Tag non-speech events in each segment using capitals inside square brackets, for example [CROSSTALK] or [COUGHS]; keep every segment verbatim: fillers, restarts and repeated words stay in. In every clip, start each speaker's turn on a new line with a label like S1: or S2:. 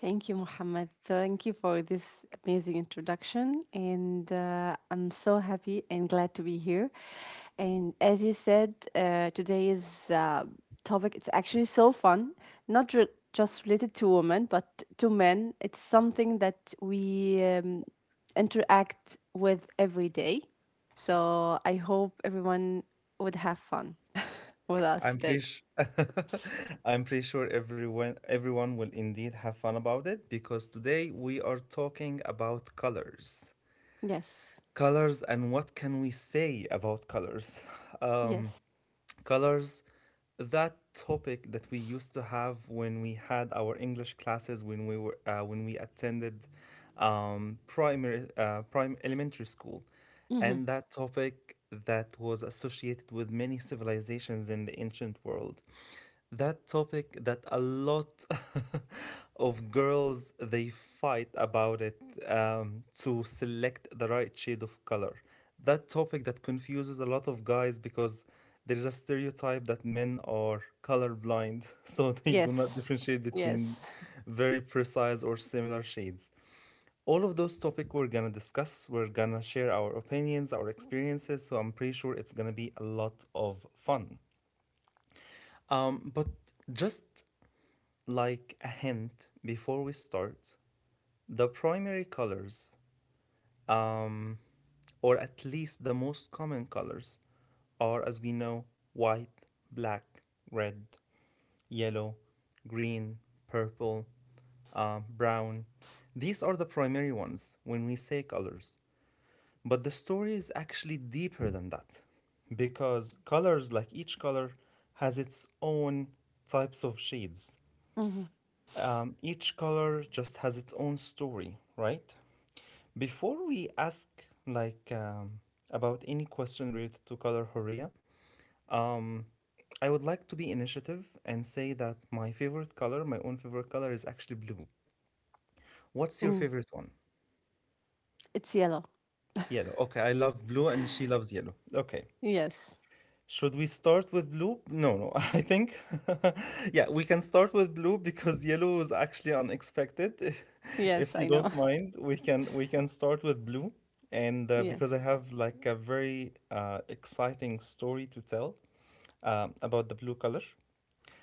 S1: Thank you, Muhammad. Thank you for this amazing introduction. And uh, I'm so happy and glad to be here. And as you said, uh, today's uh, topic, it's actually so fun, not re- just related to women, but to men. It's something that we um, interact with every day. So I hope everyone would have fun with us today. Yes. Yes. Hmm. Yes. Yes. Mhm. Mm, it's yellow. Yes. Yes, I know. [LAUGHS] Yes.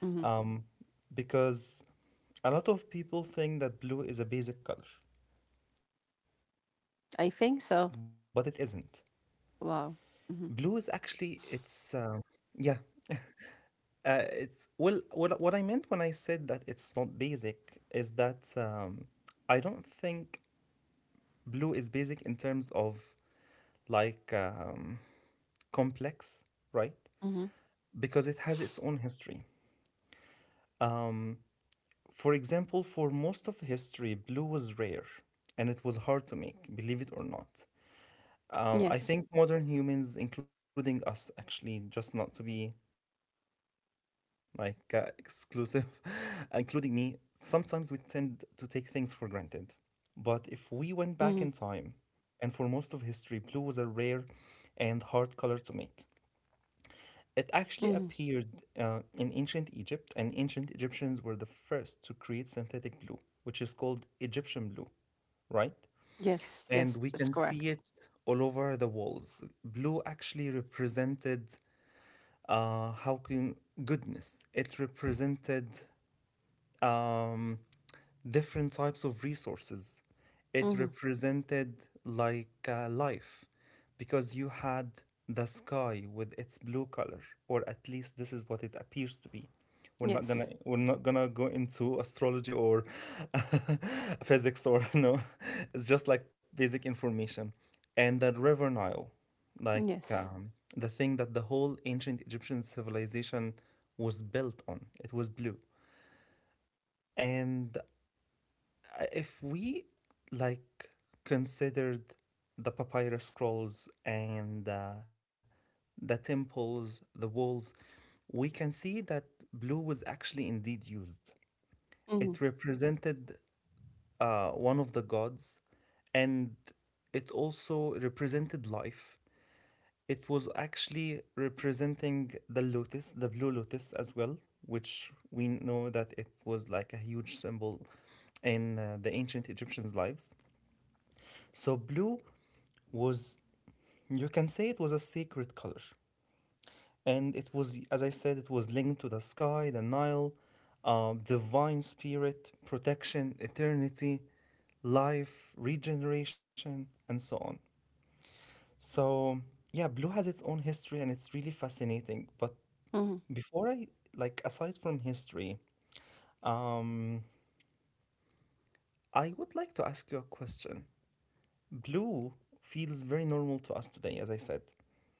S1: Hmm. I think so. Wow. Hmm. Hmm. Yes. Hmm. Hmm. Yes. Yes, that's correct. Hmm. Yes. Yes. Hmm. Hmm.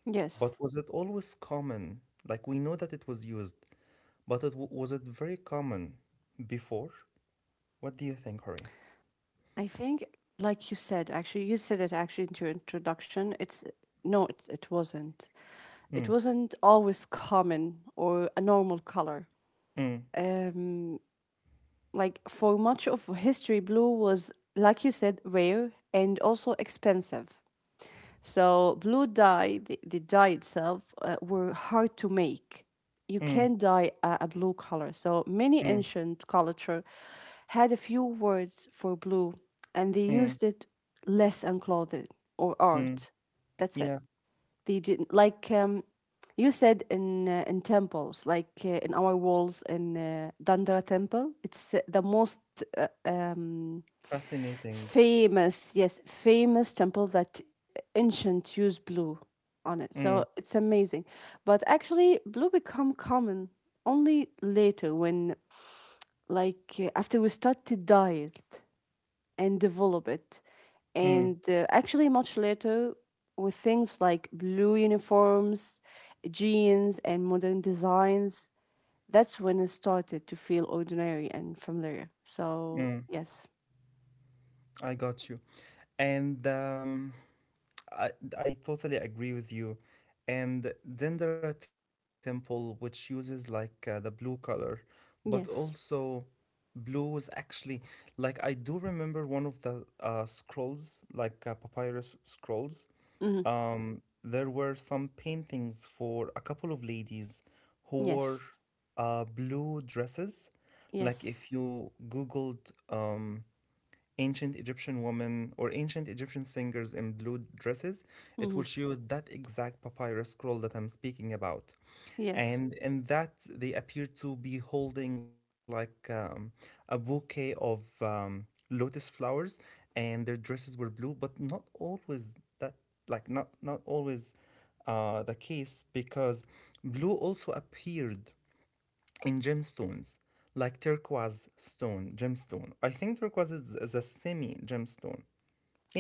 S1: Yes. I think, like you said, actually, you said it actually in your introduction. It's no, it's, it wasn't. It wasn't always common or a normal color. Um, like for much of history, blue was, like you said, rare and also expensive, so blue dye, the, the dye itself, uh, were hard to make. You can dye a, a blue color, so many ancient culture had a few words for blue, and they used it less on clothing or art, that's it. They did, like um, you said, in uh, in temples, like uh, in our walls, in uh, Dandara temple. It's uh, the most uh, um, famous, yes, famous temple that ancient used blue on it, so it's amazing. But actually blue become common only later, when, like uh, after we start to dye it and develop it. And uh, actually, much later, with things like blue uniforms, jeans, and modern designs, that's when it started to feel ordinary and familiar. So, yes, yes, hmm, yes, yes, hmm, yes,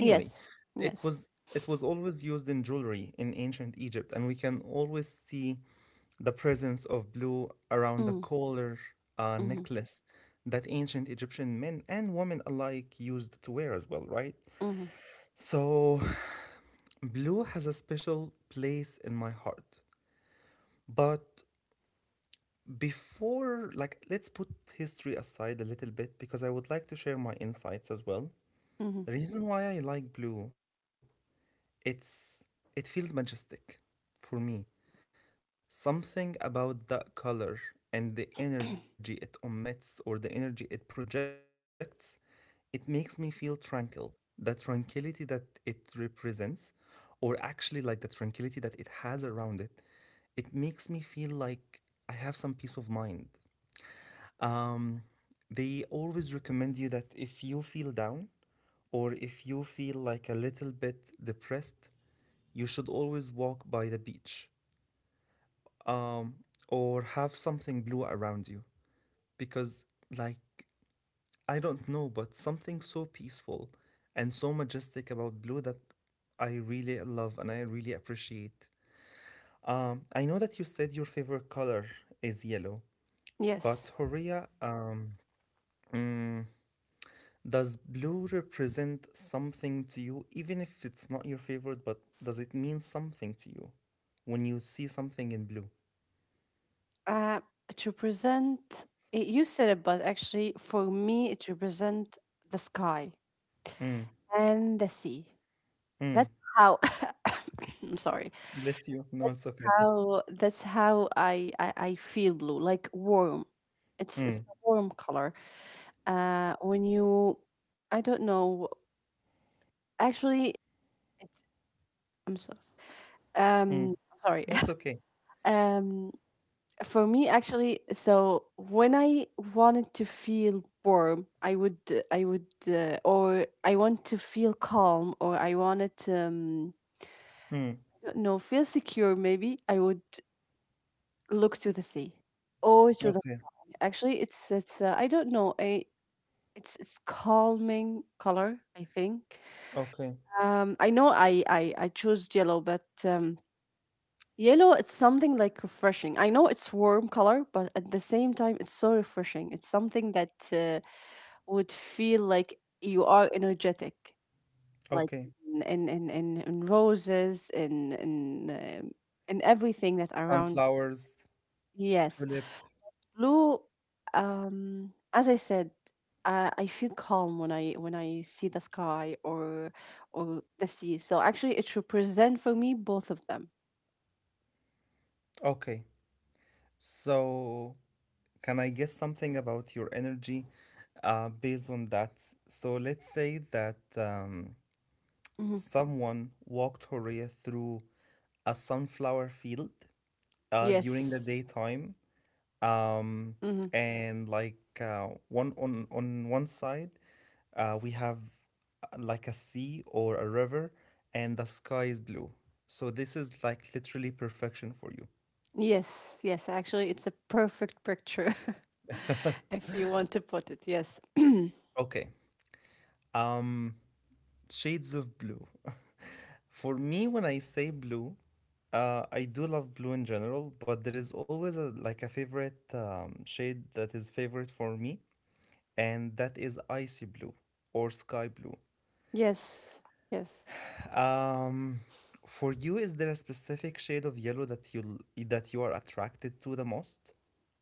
S1: yes, yes, mm, mhm, mhm, mhm, yes. Uh, to present, you said it, but actually, for me, it represents the sky and the sea. That's how [COUGHS] I'm sorry. That's how that's how I, I I feel blue, like warm. It's it's a warm color. Uh, when you, I don't know. Actually, it's, I'm so, um I'm sorry. [LAUGHS] Um, for me actually, so when I wanted to feel warm, I would uh, I would uh, or I want to feel calm, or I wanted um. I don't know, feel secure maybe. I would look to the sea or to the sky. Actually, it's it's uh, I don't know. I, it's it's calming color, I think. Um, I know I I I chose yellow, but um, yellow, it's something like refreshing. I know it's warm color, but at the same time, it's so refreshing. It's something that uh, would feel like you are energetic, like in in in, in in roses, in in um, in everything that around. Yes. Blue, um, as I said, uh, I feel calm when I when I see the sky or or the sea. So actually, it represents for me both of them. Hmm. Yes. Hmm. Yes. Yes. Actually, it's a perfect picture [LAUGHS] if you want to put it. Yes. [CLEARS THROAT] Yes. Yes.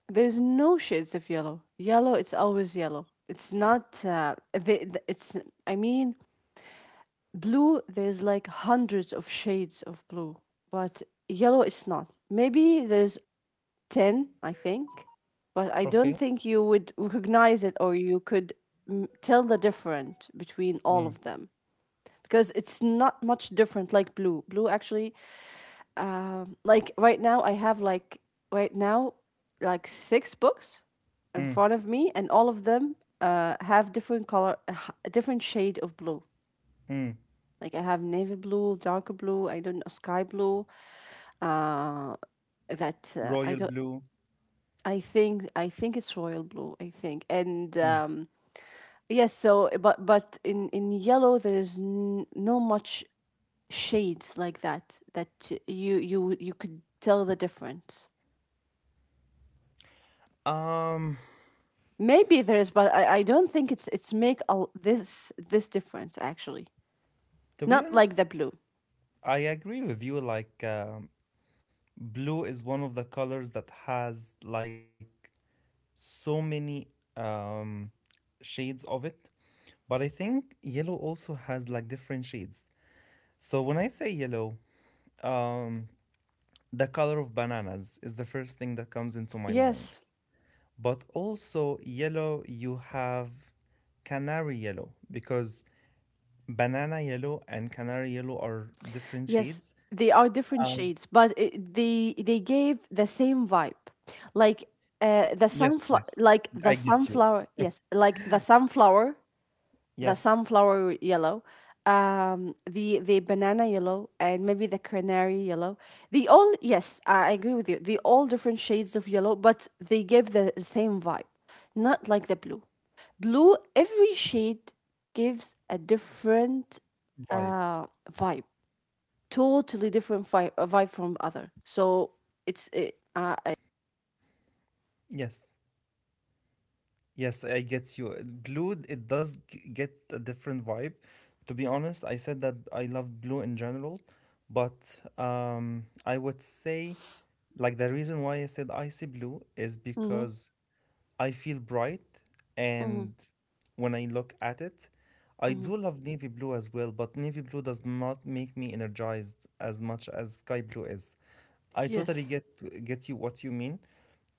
S1: There's no shades of yellow. Yellow, it's always yellow. It's not. Uh, the, the, it's. I mean, blue, there's like hundreds of shades of blue, but yellow is not. Maybe there's ten, I think, but I don't think you would recognize it, or you could, mm, tell the difference between all of them, because it's not much different like blue. Blue actually, um, like right now, I have, like right now, like six books in front of me, and all of them uh, have different color, a h- a different shade of blue. Like I have navy blue, darker blue, I don't know, sky blue. Uh, that uh, I don't. I think I think it's royal blue. I think and um, yes. So but but in in yellow there is n- no much shades like that that you you you could tell the difference. Maybe there is, but I, I don't think it's it's make a, this this difference actually. Not like the blue. Yes. Yes, they are different shades, but it, they they gave the same vibe. Like uh, the sunflower, like the sunflower, yes, like the sunflower, the sunflower yellow, um, the the banana yellow, and maybe the canary yellow. They all, yes, I I agree with you. They all different shades of yellow, but they give the same vibe. Not like the blue. Blue, every shade gives a different uh vibe, totally different vibe, vibe from other. So it's uh, uh, I, hmm, hmm, hmm, yes,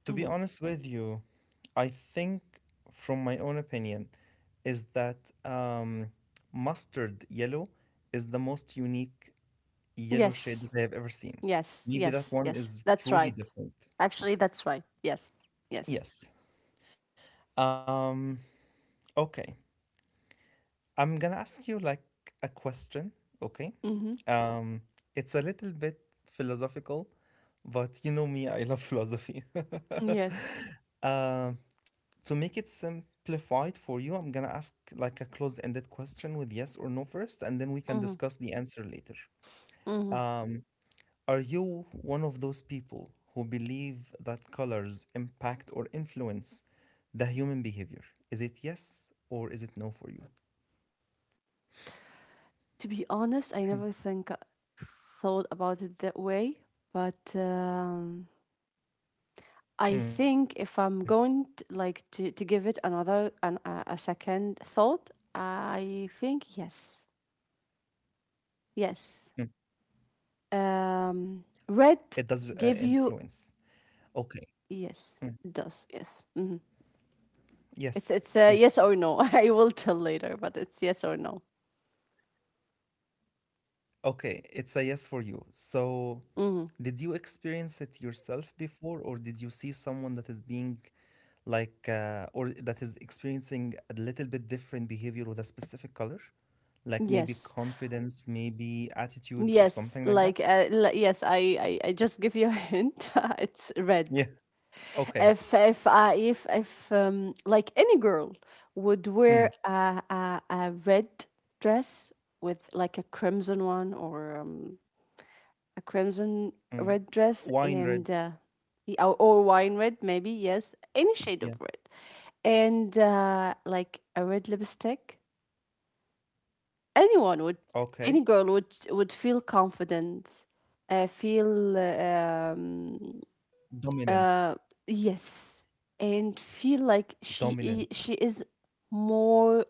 S1: hmm, yes, yes, yes, yes. That's right. Actually, that's right. Yes, yes. Hmm. Yes. Hmm. Hmm. To be honest, I never think uh, thought about it that way, but um, I think if I'm going to, like to, to give it another, an, a, a second thought, I think yes, yes. Um, red give you, yes, it does, yes. Hmm. It's it's a yes or no. [LAUGHS] I will tell later, but it's yes or no. Hmm. Yes, yes, like uh, li- yes. I, I I just give you a hint. [LAUGHS] It's red. If if I if if um like any girl would wear a a, a red dress, with like a crimson one, or um a crimson red dress, and uh, y- or, or wine red maybe, yes, any shade of red, and uh, like a red lipstick, anyone would any girl would would feel confident, uh, feel uh, um, uh, yes, and feel like she i- she is more.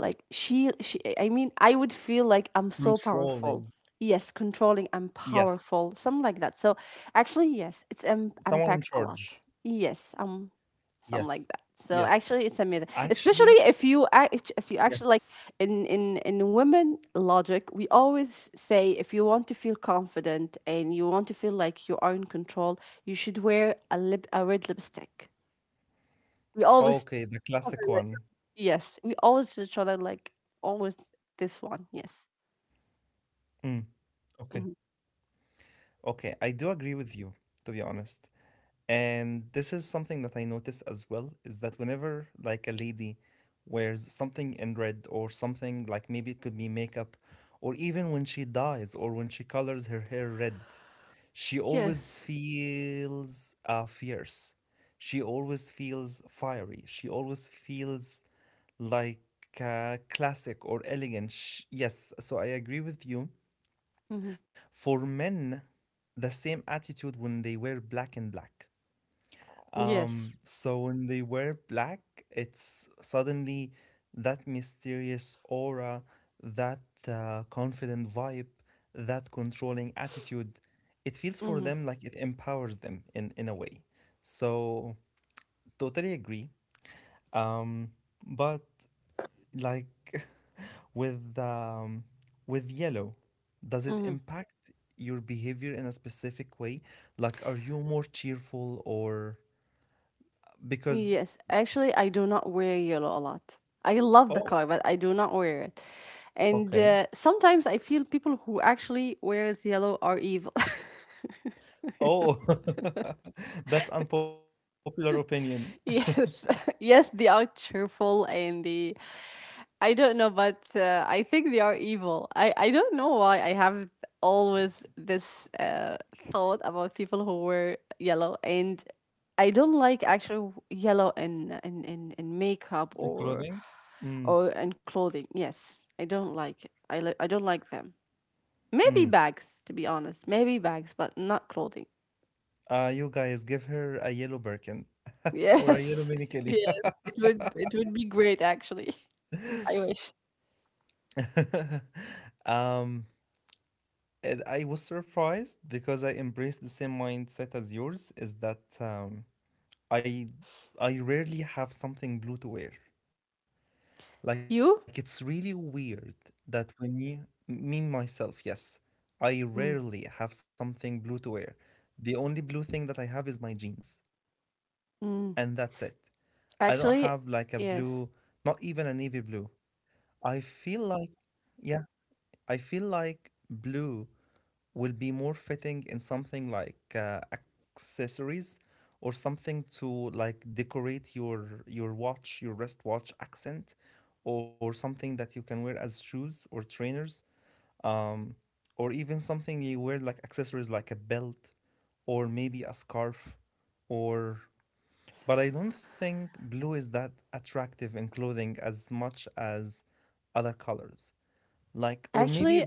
S1: Like she, she, I mean, I would feel like I'm so powerful. Yes, controlling, I'm powerful, something like that. So actually, yes, it's, um, impact a lot. Yes, um, something like that. So actually, it's amazing, especially if you act, if you actually, like, in in in women logic, we always say if you want to feel confident and you want to feel like you are in control, you should wear a lip a red lipstick. We always. Yes, we always each other, like, always, this one. Yes. Mhm. Yes. Mhm. Yes. Hmm. Yes. Actually, I do not wear yellow a lot. I love the color, but I do not wear it. And uh, sometimes I feel people who actually wears yellow are evil. [LAUGHS] Yes. [LAUGHS] Yes, they are cheerful, and they, I don't know, but uh, I think they are evil. I, I don't know why I have always this uh, thought about people who wear yellow, and I don't like actually yellow in in, in, in makeup or or in clothing. Yes, I don't like it. I li- I don't like them. Maybe bags, to be honest. Maybe bags, but not clothing. Yes, [LAUGHS] yes. It would it would be great actually. [LAUGHS] I wish you. Mm. Mm. Actually, yes. Actually,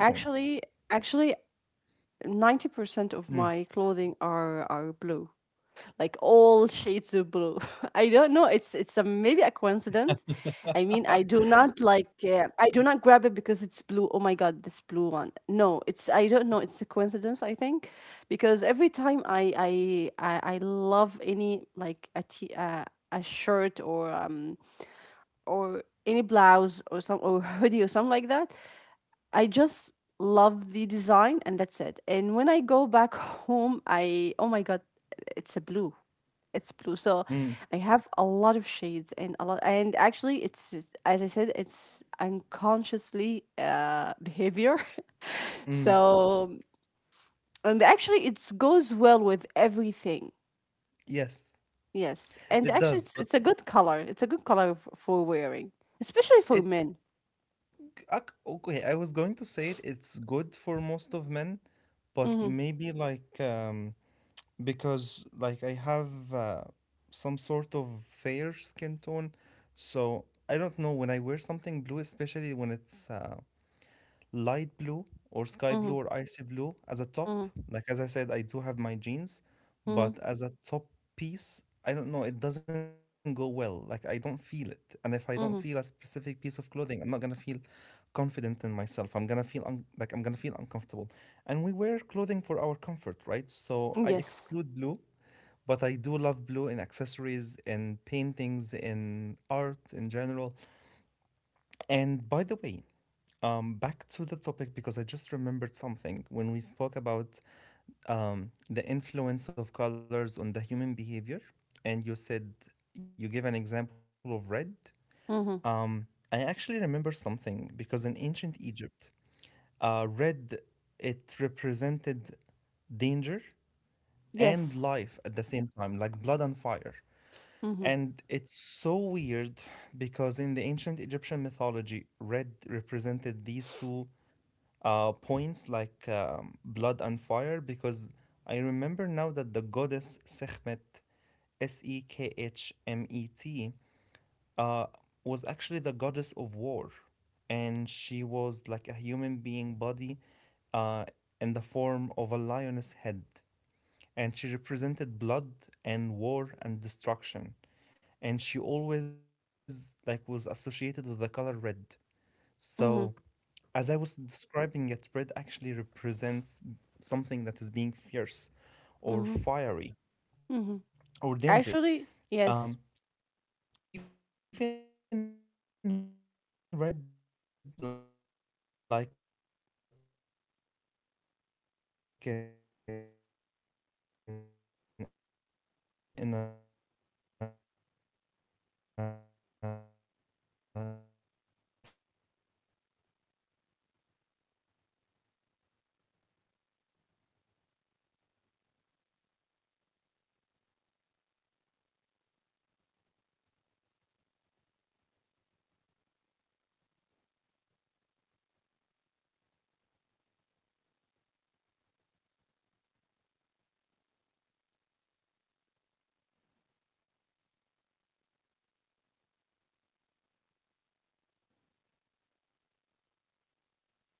S1: actually, actually, ninety percent of my clothing are are blue. Like all [LAUGHS] shades of blue. [LAUGHS] I don't know. It's it's a, maybe a coincidence. I mean, I do not like. Uh, I do not grab it because it's blue. Oh my god, this blue one. No, it's, I don't know. It's a coincidence, I think. Because every time I I I, I love any, like, a t uh, a shirt or um or any blouse or some or hoodie or something like that, I just love the design, and that's it. And when I go back [LAUGHS] home, I, oh my god, it's a blue. It's blue. So I have a lot of shades and a lot, and actually it's it's- as I said, it's unconsciously uh behavior. [LAUGHS] So, and actually it goes well with everything. Yes. And actually it's it's a good color. It's a good color f- for wearing, especially for men. Mhm. Mhm. Mhm. Mhm. Mhm. Yes. Mm-hmm. Yes. Mhm. Mhm. Mhm. Mhm. Actually, yes.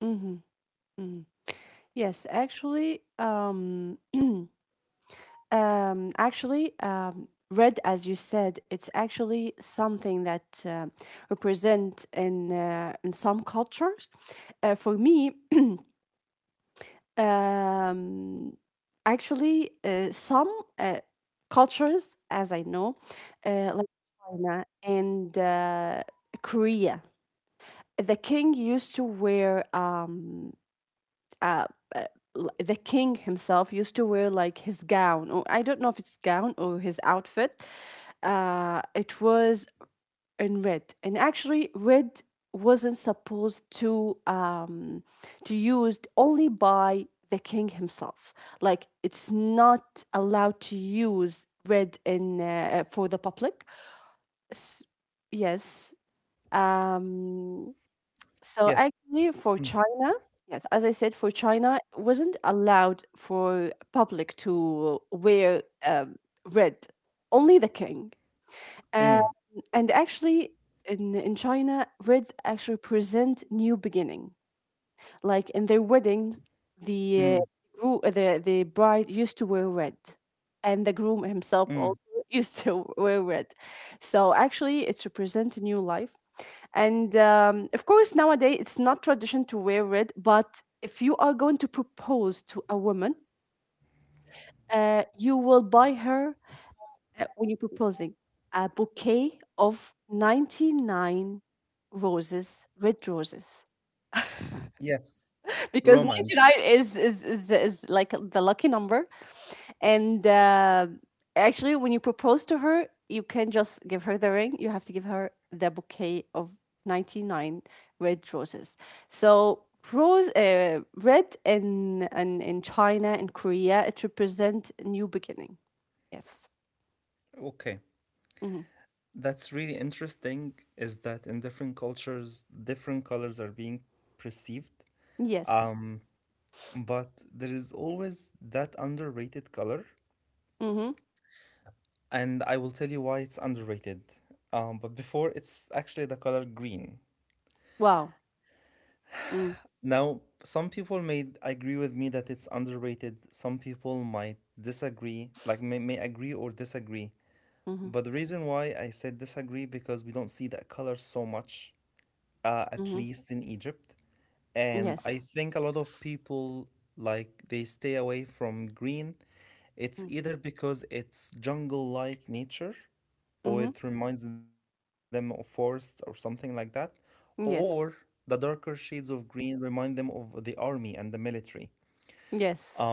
S1: Mhm. Mhm. Yes, actually, um, [CLEARS THROAT] um, actually, um, red, as you said, it's actually something that uh, represent in uh, in some cultures. Uh, for me, um, actually, uh, some uh, cultures, as I know, uh, like China and uh, Korea. The king used to wear um uh, uh, l- the king himself used to wear, like, his gown, or I don't know if it's gown or his outfit. Uh it was in red, and actually red wasn't supposed to, um to used only by the king himself, like it's not allowed to use red in, uh, for the public. S- yes. um so actually, for China, yes, as I said, for China, it wasn't allowed for public to wear um, red, only the king. Um, and actually, in in China, red actually present new beginning. Like in their weddings, the uh, gro- uh, the the bride used to wear red, and the groom himself also [LAUGHS] used to wear red. So actually, it's represent a new life, and um, of course, nowadays it's not tradition to wear red. But if you are going to propose to a woman, uh, you will buy her, uh, when you're proposing, a bouquet of ninety-nine roses, red roses. Because ninety-nine is is is, is like the lucky number. And uh, actually when you propose to her you can just give her the ring. You have to give her the bouquet of ninety-nine red roses. So rose, uh, red in, in in China and Korea it represent a new beginning. Yes. Hmm. Yes. Mm-hmm. Wow. mm Mm-hmm. Mm-hmm. Yes. Mm-hmm. Mm-hmm. Yes. Yes.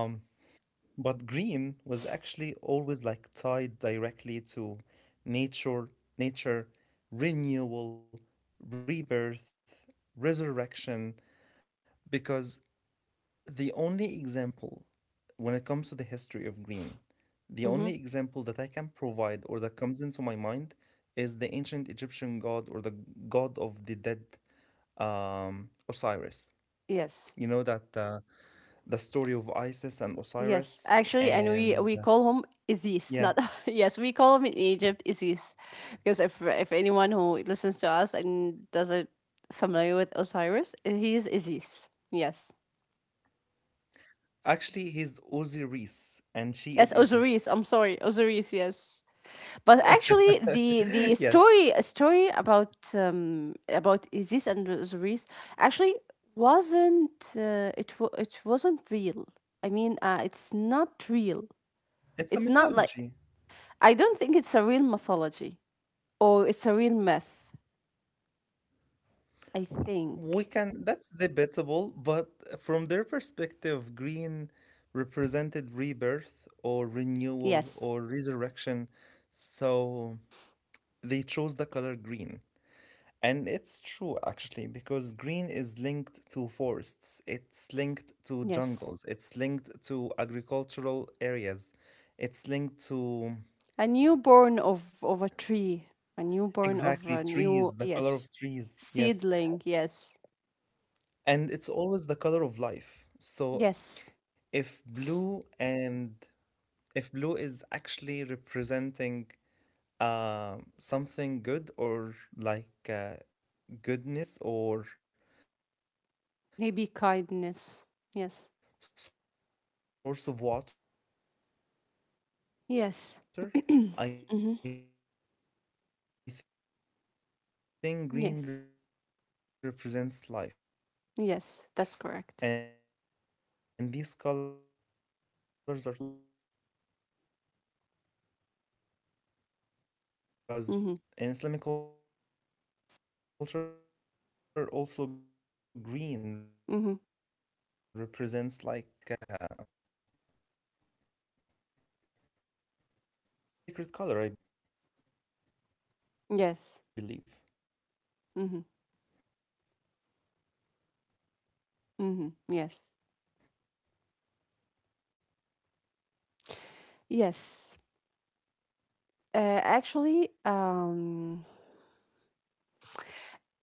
S1: Mm-hmm. Yes. Yes, actually, and we we call him Aziz. Not [LAUGHS] yes, we call him in Egypt Aziz, because if if anyone who listens to us and doesn't familiar with Osiris, he is Aziz. Yes, yes, Osiris. I'm sorry, Osiris. Yes, but actually, the the story story about um about Aziz and Osiris actually wasn't uh, it wa- it wasn't real. I mean, uh, it's not real. It's not like, I don't think it's a real mythology or it's a real myth, I think. Yes. Yes. A newborn of, of a tree. A newborn of a new, yes. Seedling, yes. Yes. Maybe kindness. Yes. Yes. [CLEARS THROAT] mm-hmm. Yes. Yes, that's correct. Mm-hmm. Mm-hmm. Yes. Mm-hmm. Mm-hmm. Yes. Yes. Uh, actually, um,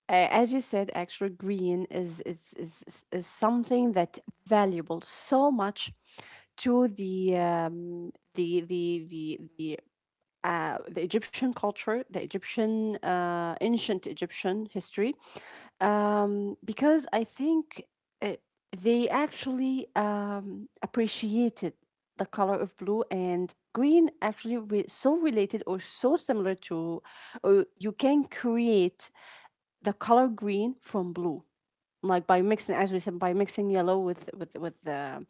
S1: uh, as you said, actually, green is, is is is is something that valuable so much to the um, the the the the. Uh, the Egyptian culture, the Egyptian uh, ancient Egyptian history, um, because I think uh, they actually um, appreciated the color of blue and green actually re- so related or so similar to, or you can create the color green from blue like by mixing, as we said, by mixing yellow with with with the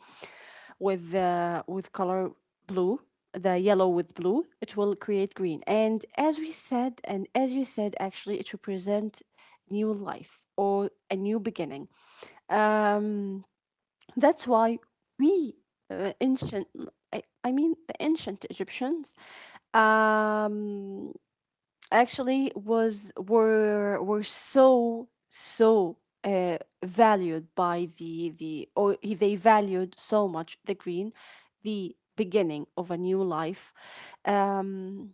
S1: with the with color blue. The yellow with blue it will create green, and as we said and as you said, actually it represent new life or a new beginning. um that's why we uh, ancient I, I mean the ancient Egyptians um actually was were were so so uh, valued by the the or they valued so much the green, the beginning of a new life. um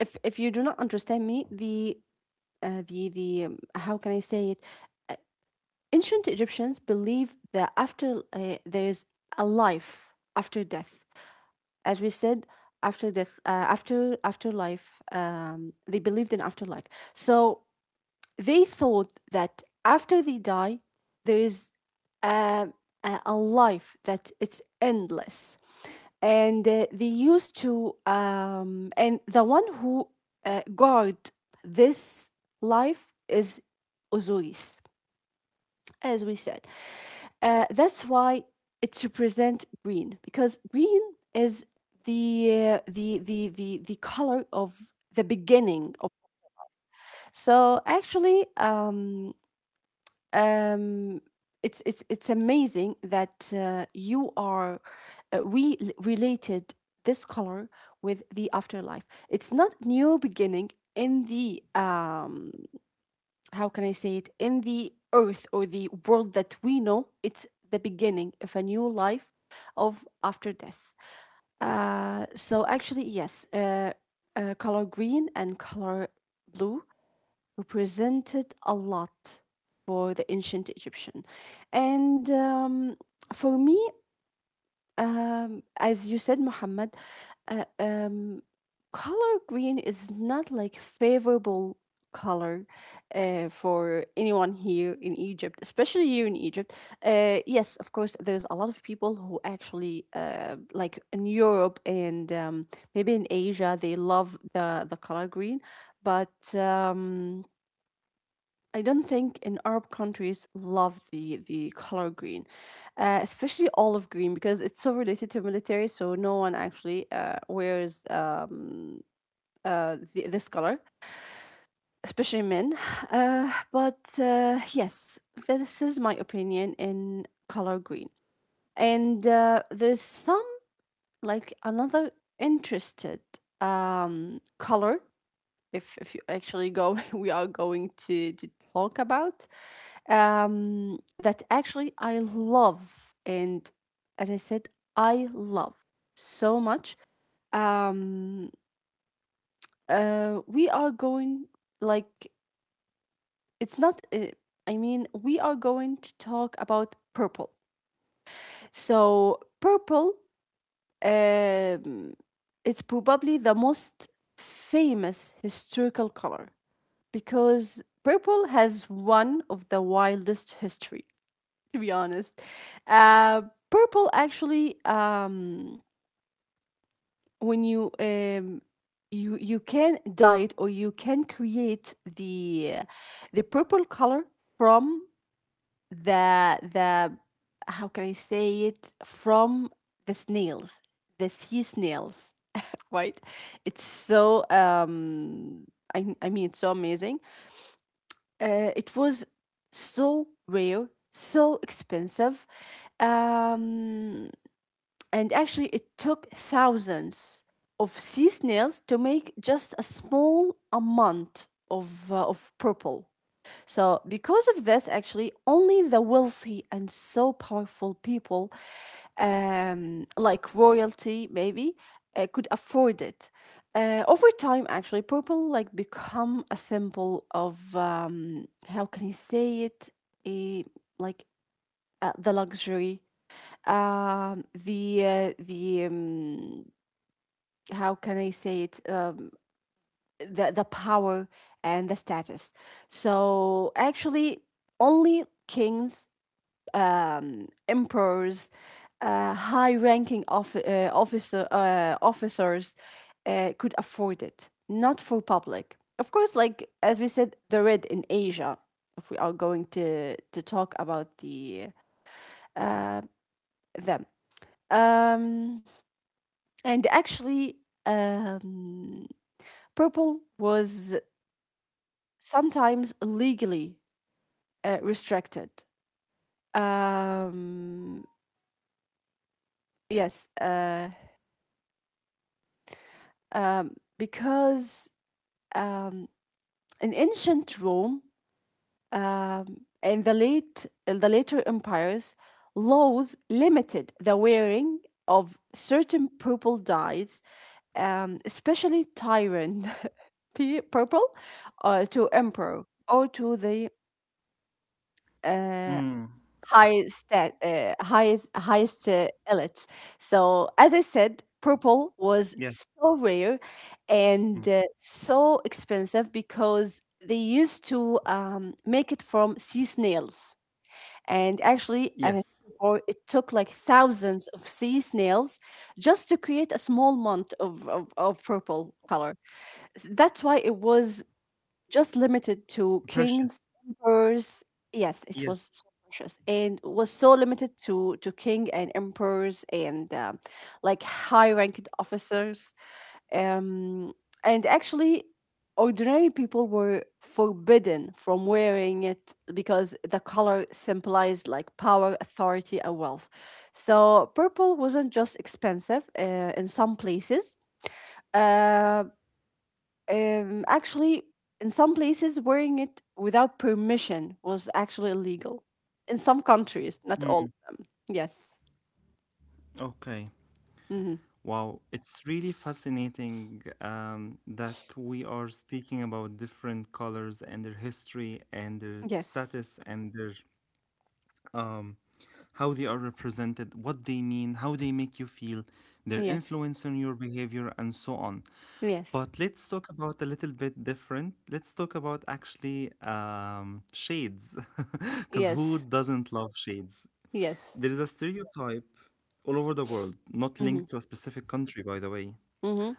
S1: if if you do not understand me the uh, the the um, how can I say it, ancient Egyptians believe that after uh, there is a life after death. As we said, after death, uh, after afterlife, um they believed in afterlife. So they thought that after they die, there is a, a, a life that it's endless. And uh, they used to, um, and the one who uh, guard this life is Osiris, as we said. Uh, that's why it represents green, because green is the, uh, the, the, the, the color of the beginning of. So actually, um, um, it's it's it's amazing that uh, you are uh, we related this color with the afterlife. It's not new beginning in the, um, how can I say it, in the earth or the world that we know. It's the beginning of a new life, of after death. Uh, so actually, yes, uh, uh, color green and color blue represented a lot for the ancient Egyptian. And um, For me, um, as you said, Muhammad, uh, um, color green is not like favorable color uh, for anyone here in Egypt, especially here in Egypt. Uh, yes, of course, there's a lot of people who actually uh, like in Europe and um, maybe in Asia, they love the the color green, but. Um, I don't think in Arab countries love the the color green, uh, especially olive green because it's so related to military. So no one actually uh, wears uh, uh, th- this color, especially men. [SIGHS] Uh, but uh, yes, this is my opinion in color green. And uh, There's some like another interested um, color. If if you actually go, [LAUGHS] we are going to to talk about, um, that actually I love. And as I said, I love so much. Um, uh, we are going, like, it's not, uh, I mean, we are going to talk about purple. So, purple, um, it's probably the most famous historical color because purple has one of the wildest history, [LAUGHS] to be honest. Uh, Purple actually, um, when you um, you you can dye it or you can create the the purple color from the the how can I say it, from the snails, the sea snails, right? It's so, um, I I mean it's so amazing. Uh, it was so rare, so expensive. Um, And actually, it took thousands of sea snails to make just a small amount of, uh, of purple. So, because of this, actually, only the wealthy and so powerful people, um, like royalty maybe, uh, could afford it. Uh, over time, actually, purple like become a symbol of, um, how can you say it? A, like, uh, the luxury, um the uh, the um, how can I say it, um the the power and the status. So actually only kings, um emperors, uh, high ranking of uh, officer uh, officers uh, could afford it, not for public, of course, like as we said the red in Asia if we are going to to talk about the uh, them um and actually, um, purple was sometimes legally uh, restricted. Um, yes, uh, um, because um, in ancient Rome, um, in the late in the later empires, laws limited the wearing of certain purple dyes, um, especially tyrant [LAUGHS] pe- purple, uh, to emperor or to the uh, high stat, uh, highest highest uh, elites. So as I said, purple was so rare and uh, so expensive because they used to um, make it from sea snails. And actually, as I said before, it took like thousands of sea snails just to create a small amount of, of, of purple color. S- That's why it was just limited to kings, emperors. Yes, it was so precious and was so limited to to king and emperors and um like high-ranked officers. Um, and actually, ordinary people were forbidden from wearing it because the color symbolized like power, authority, and wealth. So purple wasn't just expensive, uh, in some places. Um um, Actually, in some places, wearing it without permission was actually illegal. In some countries, not all. Yes. Hmm. Yes. Yes. Yes. Yes. Yes. Hmm. Hmm.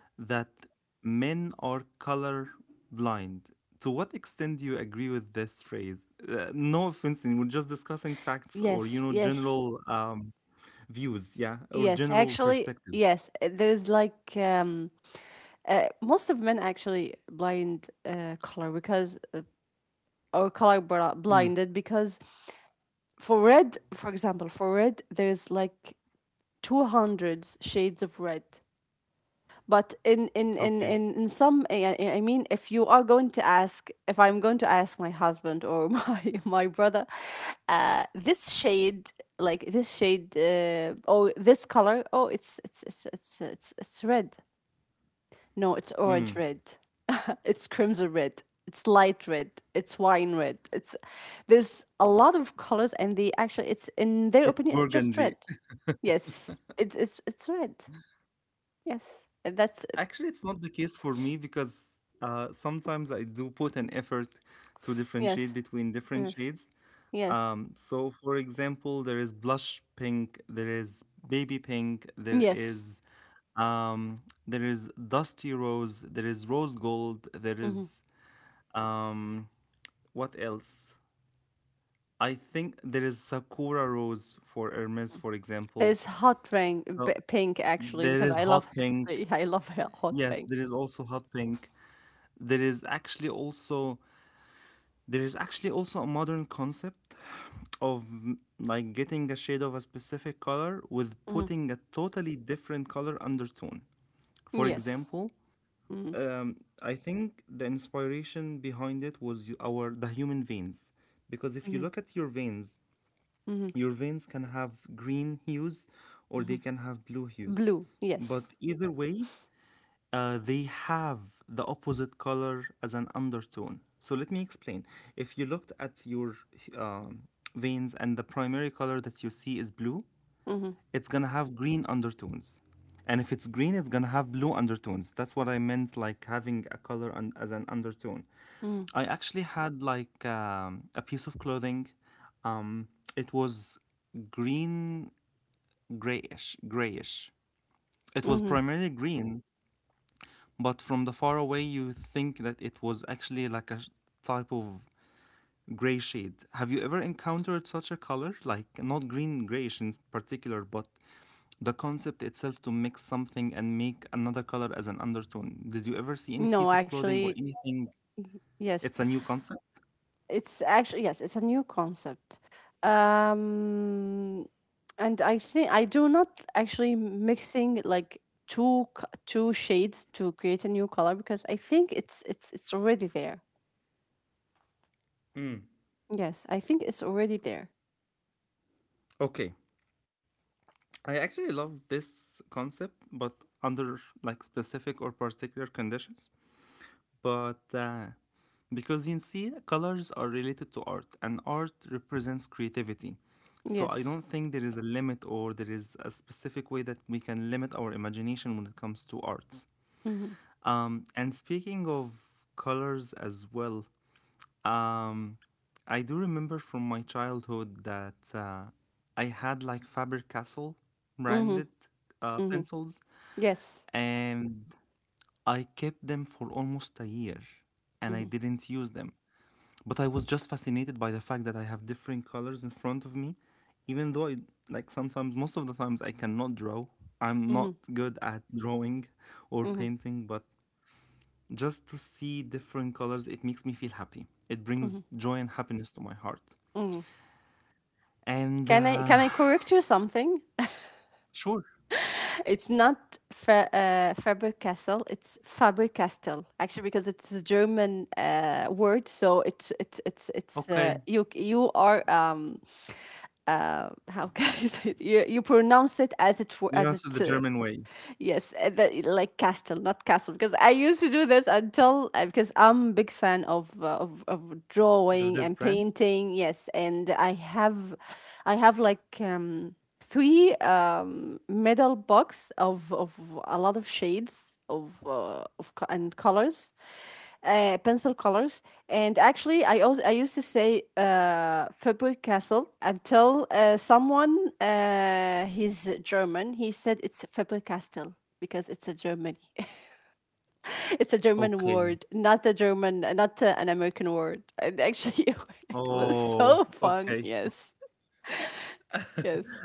S1: Yes. Yes. Yes, actually, yes. uh, There's like, um, uh, most of men actually blind uh, color because uh, or color bra- blinded because for red, for example, for red, there's like two hundred shades of red. But in in in in in some, I I- I mean, if you are going to ask, if I'm going to ask my husband or [LAUGHS] my my brother, uh, this shade, like this shade, uh, oh, this color, oh, it's it's it's it's it's it's red. No, it's orange red. [LAUGHS] It's crimson red. It's light red. It's wine red. It's, there's a lot of colors, and they actually, it's in their opinion, it's just red. Yes, it's it's it's red. Yes, that's it. Yes. Yes. Yes. Yes. Mhm. There's hot rain, b- pink actually, because I love hot. Pink. [LAUGHS] I love h- hot pink. Hmm. Yes. Hmm. Hmm. Hmm. Hmm. Blue. Yes. Hmm. Hmm. Hmm. No, actually, yes. It's actually, yes. It's a new concept. Um, and I think I do not actually mixing like two c- two shades to create a new color because I think it's it's it's already there. Yes, I think it's already there. Yes. Mm-hmm. Mm-hmm. Mm-hmm. Yes. Mm-hmm. Mm-hmm. Mm-hmm. Mm-hmm. Can I can I correct you something? [LAUGHS] It's not Fa uh, Faber-Castell. It's Faber-Castell actually because it's a German uh, word. So it's it's it's it's uh, you you are um uh, how [LAUGHS] can I say it? You you pronounce it as it were- as it. Uh, Yes, uh, the, like castle, not castle, because I used to do this until, uh, because I'm a big fan of, uh, of of drawing and painting. Yes, and I have, I have like, um three um metal box of of a lot of shades of uh, of co- and colors, uh, pencil colors. And actually, I also I used to say, uh, Faber Castle, until, uh, someone, uh, he's German. He said it's Faber Castell because it's a Germany. [LAUGHS] It's a German word, not a German, not, uh, an American word. And actually, [LAUGHS] it was so fun. Yes, yes.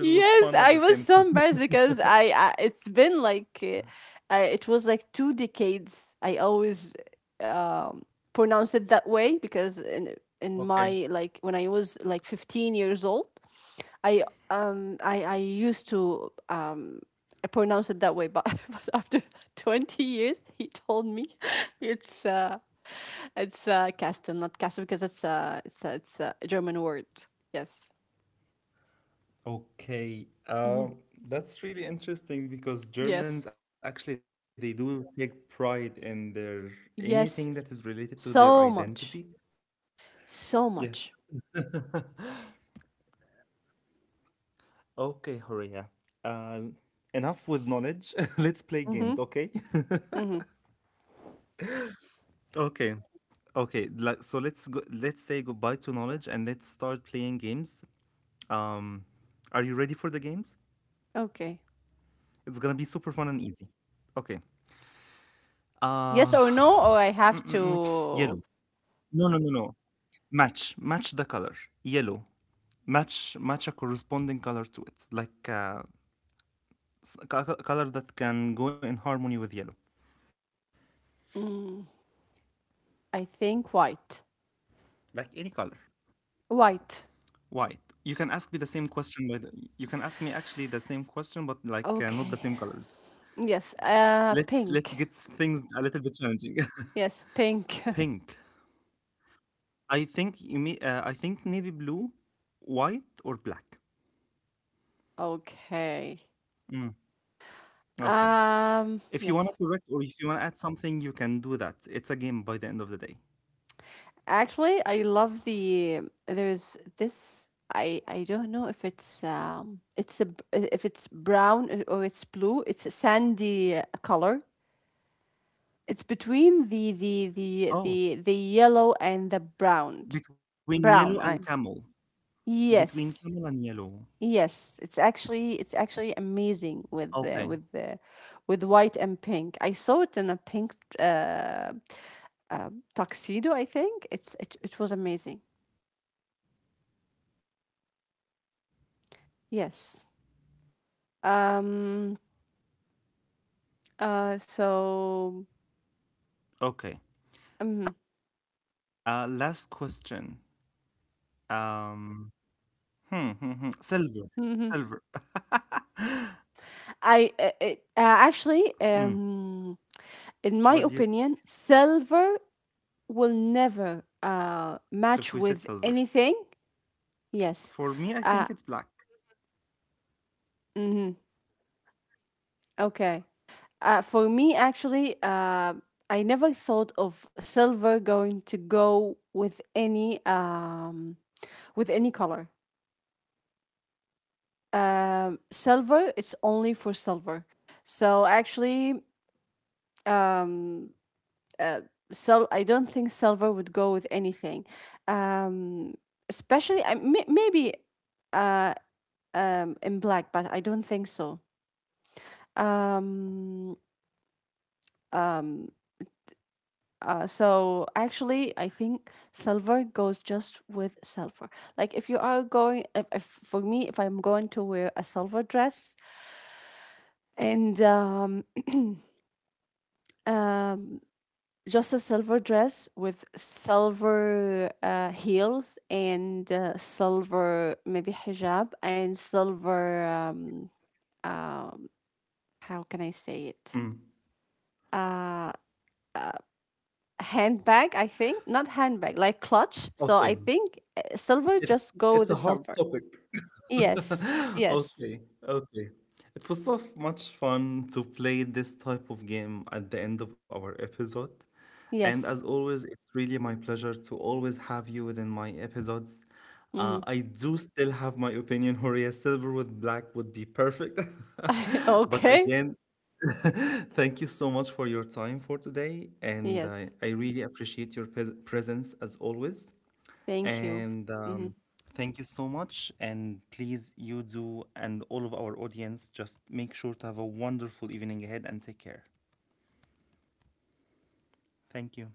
S1: Yes, I was so embarrassed because I, I it's been like, uh, uh, it was like two decades. I always um pronounce it that way because in in my like when I was like fifteen years old, I um I I used to um I pronounce it that way, but, [LAUGHS] but after twenty years, he told me [LAUGHS] it's uh it's uh Kasten, not Kasten because it's uh it's a, it's a German word. Yes. Yes. Yes, so much, so much. Mm-hmm. Mm-hmm. Okay. Yes or no, or I have to. Mm, I think white. White. Okay. Yes. Uh, pink. Yes, pink. [LAUGHS] Okay. Um. Yes. Actually, I love the. There's this. I I don't know if it's um. It's a b- if it's brown or it's blue. It's a sandy color. It's between the the the the the yellow and the brown. Brown, I, yes. Yes, it's actually, it's actually amazing with the with the with white and pink. I saw it in a pink, uh, uh tuxedo, I think. It's it, it was amazing. Yes. Um uh so mhm, mhm. I uh, it, uh, actually um in my opinion, silver will never uh, match with anything. Yes. Uh, mhm, Okay. Uh, for me, actually, uh, I never thought of silver going to go with any, um, with any color. Um, silver, it's only for silver. So actually, um, uh, sil- I don't think silver would go with anything. Um, Especially, I may- maybe uh, um in black, but I don't think so. Um, um, uh, so actually, I think silver goes just with silver. Like if you are going, if, if for me, if I'm going to wear a silver dress and um, um, just a silver dress with silver uh, heels and uh, silver maybe hijab and silver, um, um, how can I say it? Uh, Handbag, I think. Not handbag, like clutch. So I think, uh, silver, just go with the silver. Yes, yes, yes. Mm. [LAUGHS]
S2: [LAUGHS] But
S1: Okay.
S2: again, [LAUGHS] thank you so much for your time for today. And I,
S1: Yes.
S2: I really appreciate your pres presence as always.
S1: Thank you.
S2: And um,
S1: Mhm.
S2: Thank you so much. And please, you do, and all of our audience, just make sure to have a wonderful evening ahead and take care. Thank you.